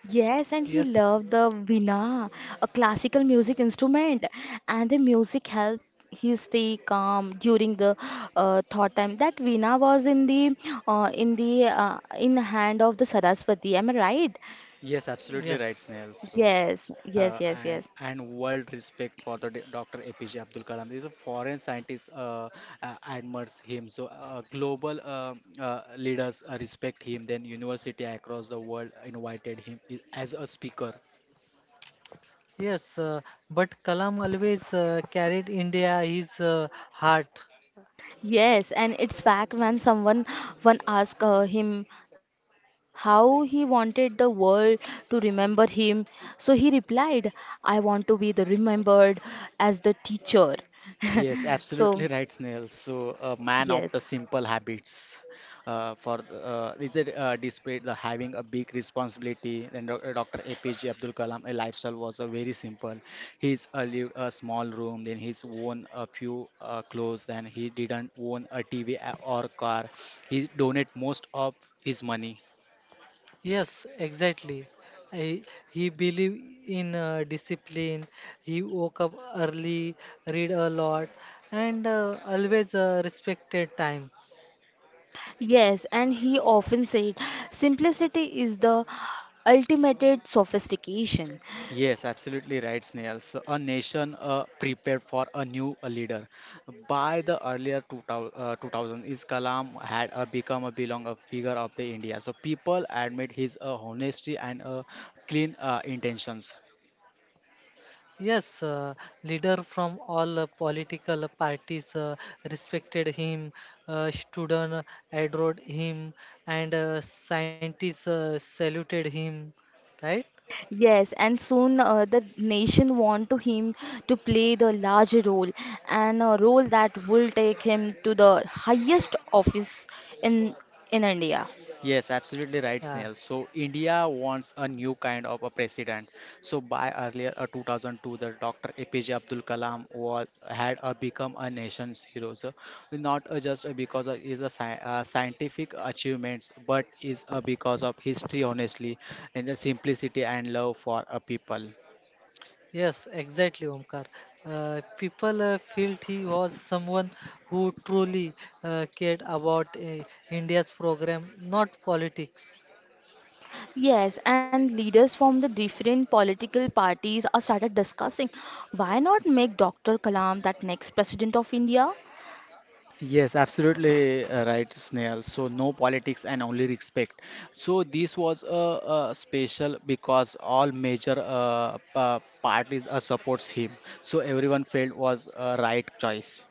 Speaker 1: Yes, and he
Speaker 3: Yes,
Speaker 1: loved the veena, a classical music instrument, and the music helped he stay calm during the thought time. That veena was in the in the in the hand of the Saraswati. Am I right?
Speaker 2: Yes, absolutely right,
Speaker 3: yes,
Speaker 2: Snail. So,
Speaker 1: Yes, yes,
Speaker 2: uh,
Speaker 1: yes,
Speaker 2: and
Speaker 1: yes.
Speaker 2: and world respect for the Dr. APJ Abdul Kalam. This is a foreign scientist admires him. So, global leaders respect him. Then, university across the world invited him as a speaker.
Speaker 3: yes. But Kalam always carried India his heart.
Speaker 1: Yes, and it's fact when someone one asked him how he wanted the world to remember him. So he replied, I want to be the remembered as the teacher.
Speaker 2: Yes,
Speaker 1: So,
Speaker 2: absolutely right, Snail. So, a man
Speaker 1: yes.
Speaker 2: of the simple habits, displayed the having a big responsibility. Then Dr. APJ Abdul Kalam, a lifestyle was a very simple. He's lived a small room, then he's owned a few clothes, then he didn't own a TV or car. He donate most of his money.
Speaker 3: Yes, exactly. I, he believed in discipline. He woke up early, read a lot, and always respected time.
Speaker 1: Yes, and he often said, simplicity is the ultimate sophistication.
Speaker 2: Yes, absolutely right, Snail. So a nation prepared for a new leader. By the earlier 2000 is Kalam had become a belong a figure of the India. So people admit his honesty and clean intentions.
Speaker 3: Yes, leader from all political parties respected him, student adored him, and scientists saluted him, right?
Speaker 1: Yes, and soon the nation want to him to play the large role and a role that will take him to the highest office in in India.
Speaker 2: Yes, absolutely right,
Speaker 3: Uh,
Speaker 2: Snail. So India wants a new kind of a president. So by earlier 2002, the Dr. APJ Abdul Kalam was had become a nation's hero. So not just because of his scientific achievements, but is because of history, honestly, and the simplicity and love for a people.
Speaker 3: yes, exactly, Omkar. People felt he was someone who truly cared about India's program, not politics.
Speaker 1: Yes, and leaders from the different political parties are started discussing why not make Dr. Kalam that next president of India?
Speaker 2: Yes, absolutely right, Snail. So no politics and only respect. So this was a special because all major parties supports him. So everyone felt was a right choice.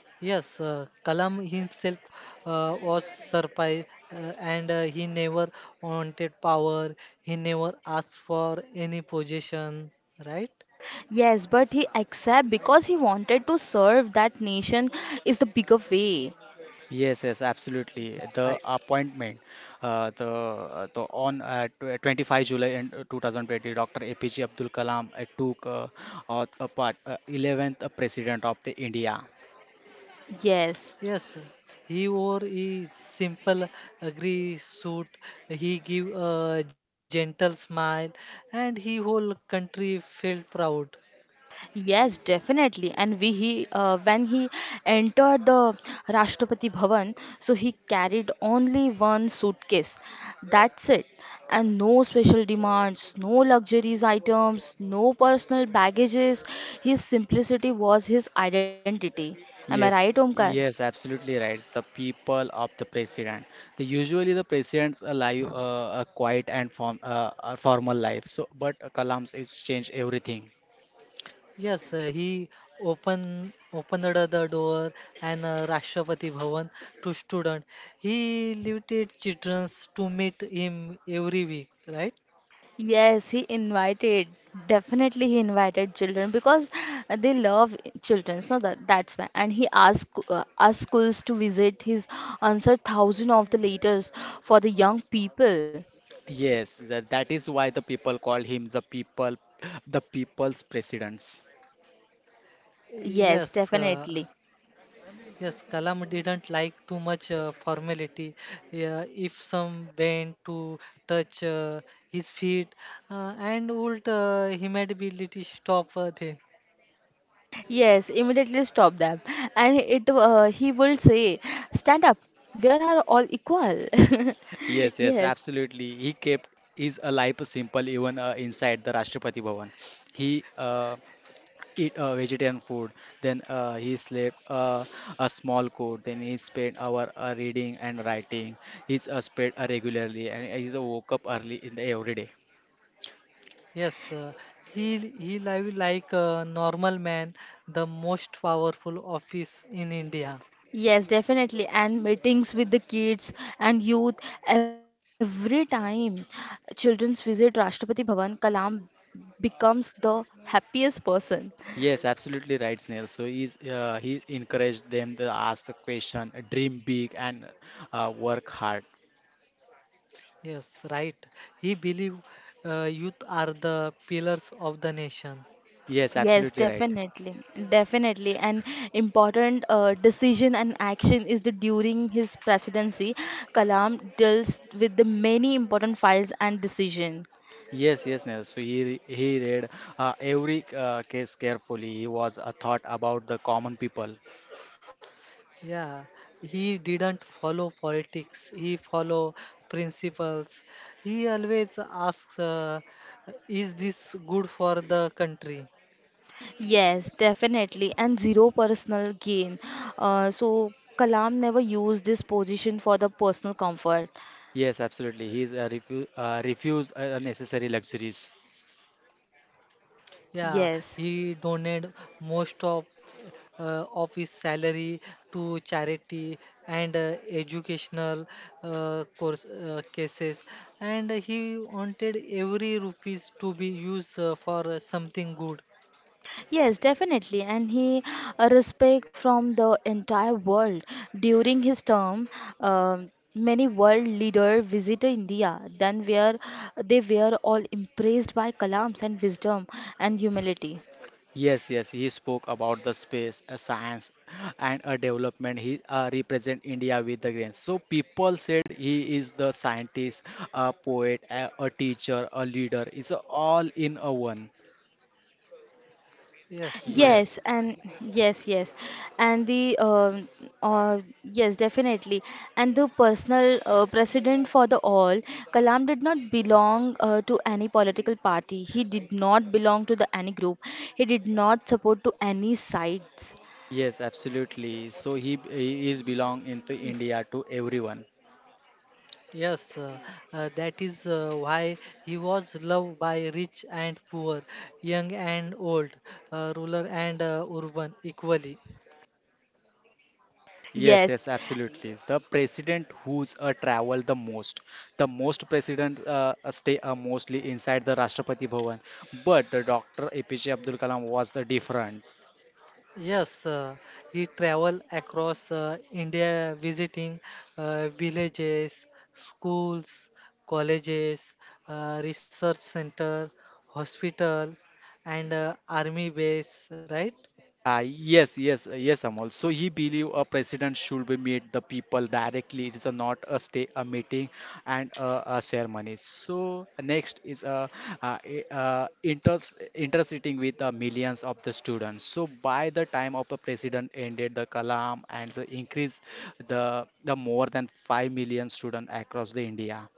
Speaker 3: Yes, Kalam himself was surprised and he never wanted power, he never asked for any position, right?
Speaker 1: Yes, but he accept because he wanted to serve that nation is the bigger way.
Speaker 2: Yes, yes,
Speaker 3: Right.
Speaker 2: absolutely. The appointment, the on 25 July in 2020, Dr. APJ Abdul Kalam took oath apart 11th president of the India.
Speaker 1: Yes.
Speaker 3: Yes, he wore a simple grey suit. He gave a gentle smile, and he whole country felt proud.
Speaker 1: Yes, definitely. And we he when he entered the Rashtrapati Bhavan, so he carried only one suitcase. That's it. And no special demands, no luxuries items, no personal baggages. His simplicity was his identity. Am I right,
Speaker 2: Yes,
Speaker 1: Omkar?
Speaker 2: yes, absolutely right. It's the people of the president. The usually the presidents a live a formal life. So, but Kalam's is changed everything.
Speaker 3: Yes, he opened the door and Rashtrapati Bhavan to student. He invited children to meet him every week, right?
Speaker 1: Yes, he invited. Definitely, he invited children because they love children. So that that's why. And he asked us schools to visit. He's answered thousand of the letters for the young people.
Speaker 2: Yes, that is why the people call him the people's presidents.
Speaker 1: Yes,
Speaker 3: Yes,
Speaker 1: definitely.
Speaker 3: yes. Kalam didn't like too much formality. Yeah, if some bent to touch his feet, and would he might be little stop there.
Speaker 1: Yes, immediately stop them. And it he will say, "Stand up. We are all equal."
Speaker 2: Yes, yes,
Speaker 1: Yes.
Speaker 2: absolutely. He kept his life simple even inside the Rashtrapati Bhavan. He eat vegetarian food, then he slept a small coat, then he spent hour reading and writing. He's spent regularly, and he's woke up early in the every day.
Speaker 3: Yes, he live like a normal man, the most powerful office in India.
Speaker 1: Yes, definitely. And meetings with the kids and youth every time childrens visit Rashtrapati Bhavan, Kalam becomes the happiest person.
Speaker 2: Yes, absolutely right, Snail. So he's encouraged them to ask the question, dream big and work hard.
Speaker 3: Yes, right. He believe youth are the pillars of the nation.
Speaker 2: Yes,
Speaker 1: Yes,
Speaker 2: absolutely right.
Speaker 1: definitely. Definitely. An important decision and action is that during his presidency, Kalam deals with the many important files and decision.
Speaker 2: Yes, yes, Nels. So he read every case carefully. He was a thought about the common people.
Speaker 3: Yeah, he didn't follow politics. He follow principles. He always asks, "Is this good for the country?"
Speaker 1: Yes, definitely, and zero personal gain. So Kalam never used this position for the personal comfort.
Speaker 2: Yes, absolutely. He's refuse unnecessary luxuries.
Speaker 3: Yeah,
Speaker 1: Yes,
Speaker 3: he donated most of his salary to charity and educational course cases, and he wanted every rupees to be used for something good.
Speaker 1: yes, definitely, and he a respect from the entire world during his term. Many world leaders visited India, then where they were all impressed by Kalam's and wisdom and humility.
Speaker 2: Yes, yes. He spoke about the space, science, and development. He represent India with the grains. So people said he is the scientist, a poet, a teacher, a leader. It's all in a one.
Speaker 3: Yes, nice.
Speaker 2: Yes,
Speaker 1: Yes, and yes, yes, and the yes, definitely, and the personal president for the all, Kalam did not belong to any political party. He did not belong to the any group. He did not support to any sides.
Speaker 2: yes, absolutely. So he is belong into India to everyone.
Speaker 3: Yes, that is why he was loved by rich and poor, young and old, ruler and urban equally.
Speaker 1: Yes,
Speaker 2: Yes, yes, absolutely. The president who's travel the most president stay mostly inside the Rashtrapati Bhavan, but the Dr. APJ Abdul Kalam was the different.
Speaker 3: Yes, he travel across India visiting villages, schools, colleges, research center, hospital, and army base, right?
Speaker 2: Yes, Amol. So he believe a president should be meet the people directly. It is a not a stay a meeting and a ceremony. So next is a, I- inters interacting with the millions of the students. So by the time of the president ended the Kalam and the increase the more than 5 million students across the India.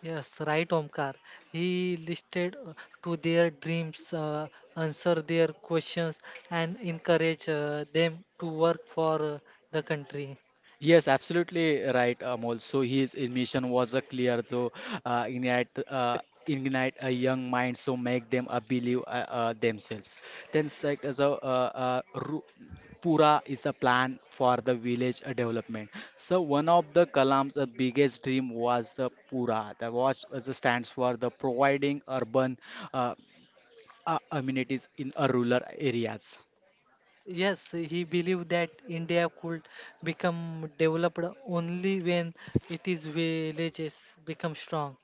Speaker 3: Yes, right, Omkar. He listed to their dreams, answer their questions, and encourage them to work for the country.
Speaker 2: Yes, absolutely right, Amol. So his mission was a clear, so uh, ignite, uh, ignite a young mind, so make them believe themselves. Then, Pura is a plan for the village development. So one of the Kalam's biggest dream was the Pura. The was stands for the providing urban uh, amenities in rural areas.
Speaker 3: Yes, he believed that India could become developed only when its villages become strong.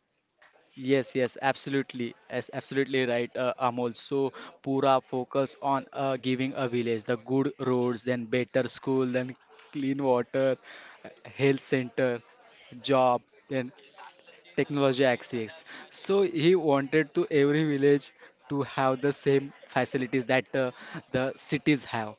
Speaker 2: Yes, yes, absolutely. Yes, absolutely right, Amol. So, Pura focus on giving a village the good roads, then better school, then clean water, uh, health center, job, then technology access. So, he wanted to every village to have the same facilities that the cities have.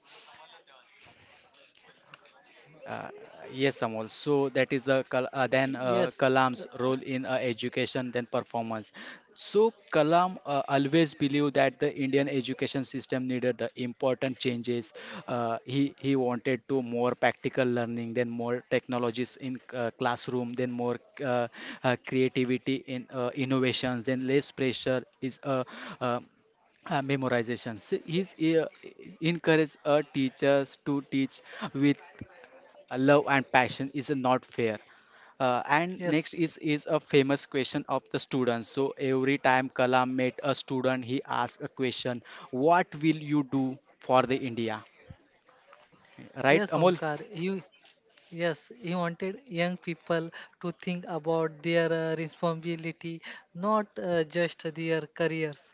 Speaker 2: Uh, yes, Amol. So that is
Speaker 3: Yes,
Speaker 2: the Kal- then Kalam's role in education, then performance. So Kalam always believed that the Indian education system needed the important changes. He he wanted to more practical learning, then more technologies in classroom, then more uh, creativity in innovations, then less pressure is uh, memorization. So he's encourage teachers to teach with love and passion is not fair. And next
Speaker 3: yes,
Speaker 2: is a famous question of the students. So every time Kalam met a student, he asked a question: What will you do for the India? Right,
Speaker 3: yes,
Speaker 2: Amol?
Speaker 3: Omkar. Yes, he wanted young people to think about their responsibility, not just their careers.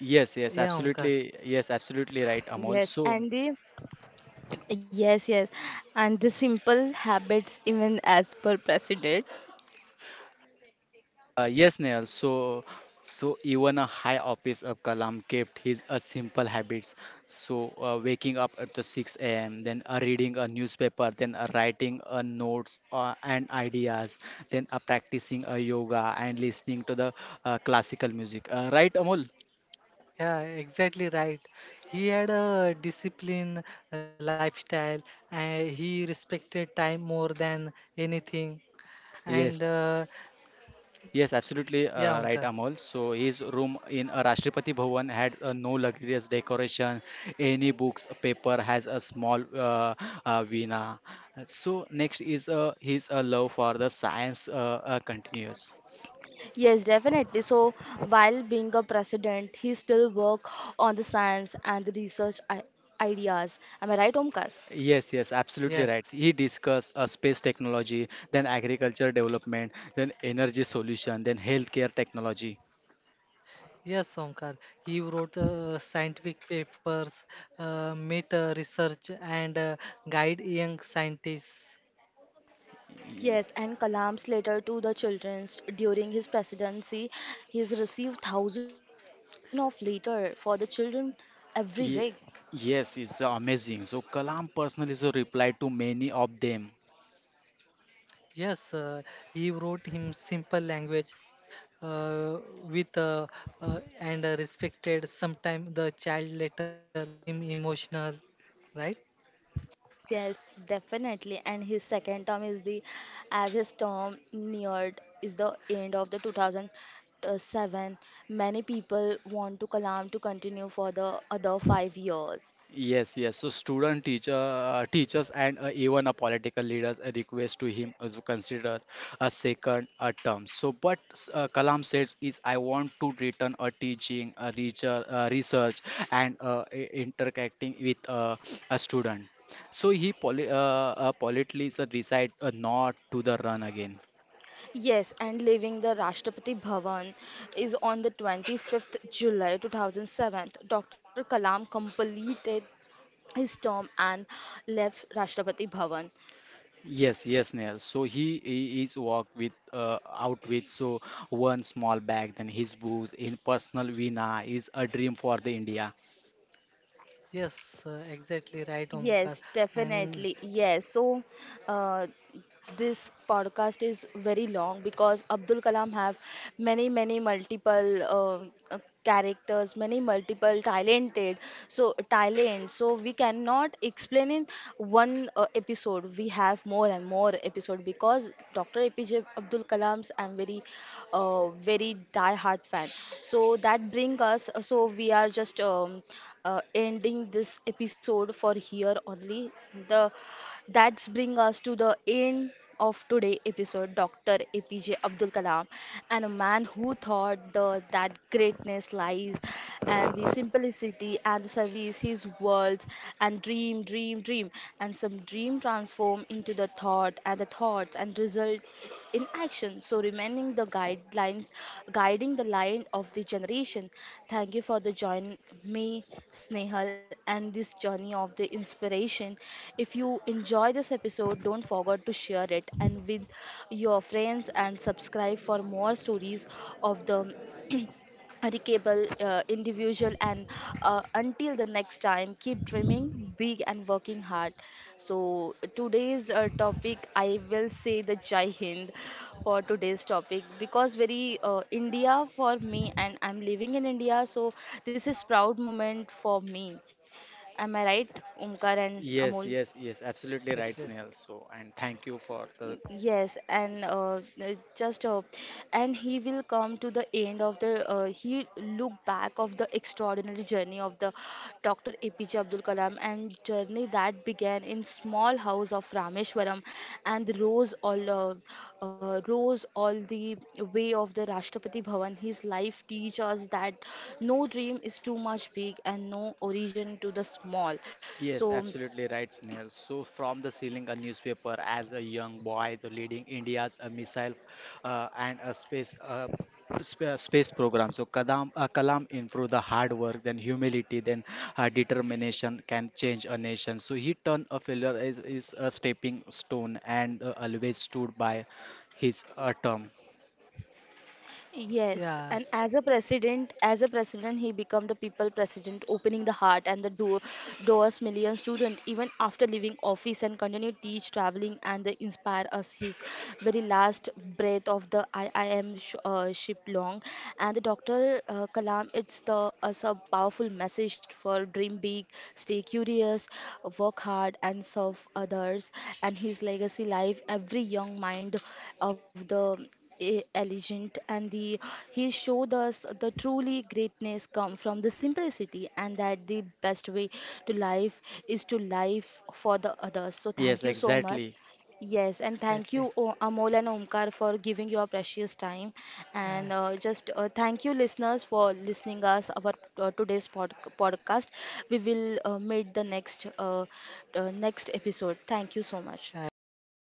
Speaker 2: Yes, yes,
Speaker 3: Yeah, Omkar.
Speaker 2: absolutely. Yes, absolutely right, Amol.
Speaker 1: Yes,
Speaker 2: So.
Speaker 1: and the yes, and the simple habits, even as per precedent.
Speaker 2: Yes, Neil. So, so even a high office of Kalam kept his simple habits. So, waking up at the 6 a.m., then reading a newspaper, then writing notes and ideas, then practicing yoga and listening to the classical music. Right, Amol?
Speaker 3: Yeah, exactly right. He had a disciplined lifestyle and he respected time more than anything. And
Speaker 2: Yes, Yes, absolutely
Speaker 3: Yeah, Omkar.
Speaker 2: right, Amol. So his room in Rashtrapati Bhavan had no luxurious decoration. Any books, paper has a small veena. So next is his love for the science continues.
Speaker 1: Yes, definitely. So while being a president, he still work on the science and the research I ideas. Am I right, Omkar?
Speaker 2: Yes, yes, absolutely right.
Speaker 3: Yes,
Speaker 2: He discussed space technology, then agriculture development, then energy solution, then healthcare technology.
Speaker 3: yes, Omkar. He wrote scientific papers, meta research, and guide young scientists.
Speaker 2: Ye-
Speaker 1: Yes, and Kalam's letter to the children during his presidency, he's received thousands of letter for the children every week.
Speaker 2: ye- Yes, it's amazing. So Kalam personally so replied to many of them.
Speaker 3: Yes, he wrote him simple language with and respected. Sometime the child letter made him emotional, right?
Speaker 1: Yes, definitely. And his second term is the, as his term neared is the end of the 2007, many people want to Kalam to continue for the other 5 years.
Speaker 2: Yes, yes. So teachers, and even a political leaders request to him to consider a second term. So, but Kalam says is I want to return a teaching, research, and interacting with a student. So politely decide not to the run again.
Speaker 1: Yes, and leaving the Rashtrapati Bhavan is on the 25th July 2007. Dr. Kalam completed his term and left Rashtrapati Bhavan.
Speaker 2: Yes, yes, Neil. So he is walk with out with so one small bag, then his booze in personal vina is a dream for the India.
Speaker 3: Yes, exactly right, Omkar.
Speaker 1: Yes,
Speaker 3: And
Speaker 1: definitely. Yes. So, uh, this podcast is very long because Abdul Kalam have many multiple uh, uh, characters, many multiple talented. So talent. So we cannot explain in one episode. We have more and more episode because Dr. APJ Abdul Kalam's I'm very very die hard fan. So that bring us, so we are just ending this episode for here only the that's bring us to the end of today episode. Dr. APJ Abdul Kalam, and a man who thought the, that greatness lies and the simplicity and the service his world and dream, and some dream transform into the thought and the thoughts and result in action. So remaining the guidelines, guiding the line of the generation. Thank you for the join me, Snehal, and this journey of the inspiration. If you enjoy this episode, don't forget to share it and with your friends and subscribe for more stories of the Unreachable individual, and until the next time keep dreaming big and working hard. So today's topic I will say the Jai Hind for today's topic because very India for me and I'm living in India, so this is proud moment for me. Am I right, Omkar and Amol?
Speaker 2: Yes, yes, yes, absolutely right,
Speaker 3: yes, yes,
Speaker 2: Snail. So, and thank you for the.
Speaker 1: Yes, and just and he will come to the end of the, he look back of the extraordinary journey of the Dr. APJ Abdul Kalam, and journey that began in small house of Rameshwaram and rose all the way of the Rashtrapati Bhavan. His life teaches us that no dream is too much big and no origin to the small. So
Speaker 2: Yes, absolutely right, Snail. So, from the ceiling, a newspaper as a young boy, the leading India's a missile and a space space program. So, Kalam improved the hard work, then humility, then determination can change a nation. So, he turned a failure is a stepping stone and always stood by his term.
Speaker 1: yes,
Speaker 3: yeah,
Speaker 1: and as a president, he become the people president, opening the heart and the door, doors million student, even after leaving office and continue teach, traveling, and they inspire us. His very last breath of the I am ship long, and the Doctor Kalam, it's the us a powerful message for dream big, stay curious, work hard, and serve others. And his legacy life every young mind of the elegant and the he showed us the truly greatness come from the simplicity and that the best way to life is to life for the others. So thank
Speaker 2: Yes,
Speaker 1: you so much.
Speaker 2: exactly.
Speaker 1: Yes, and thank you
Speaker 3: exactly.
Speaker 1: Amol and Omkar for giving your precious time,
Speaker 3: Uh,
Speaker 1: and just thank you listeners for listening us our today's podcast. We will meet the next next episode. Thank you so much.
Speaker 3: uh,
Speaker 2: Thank you. Thank
Speaker 3: Thank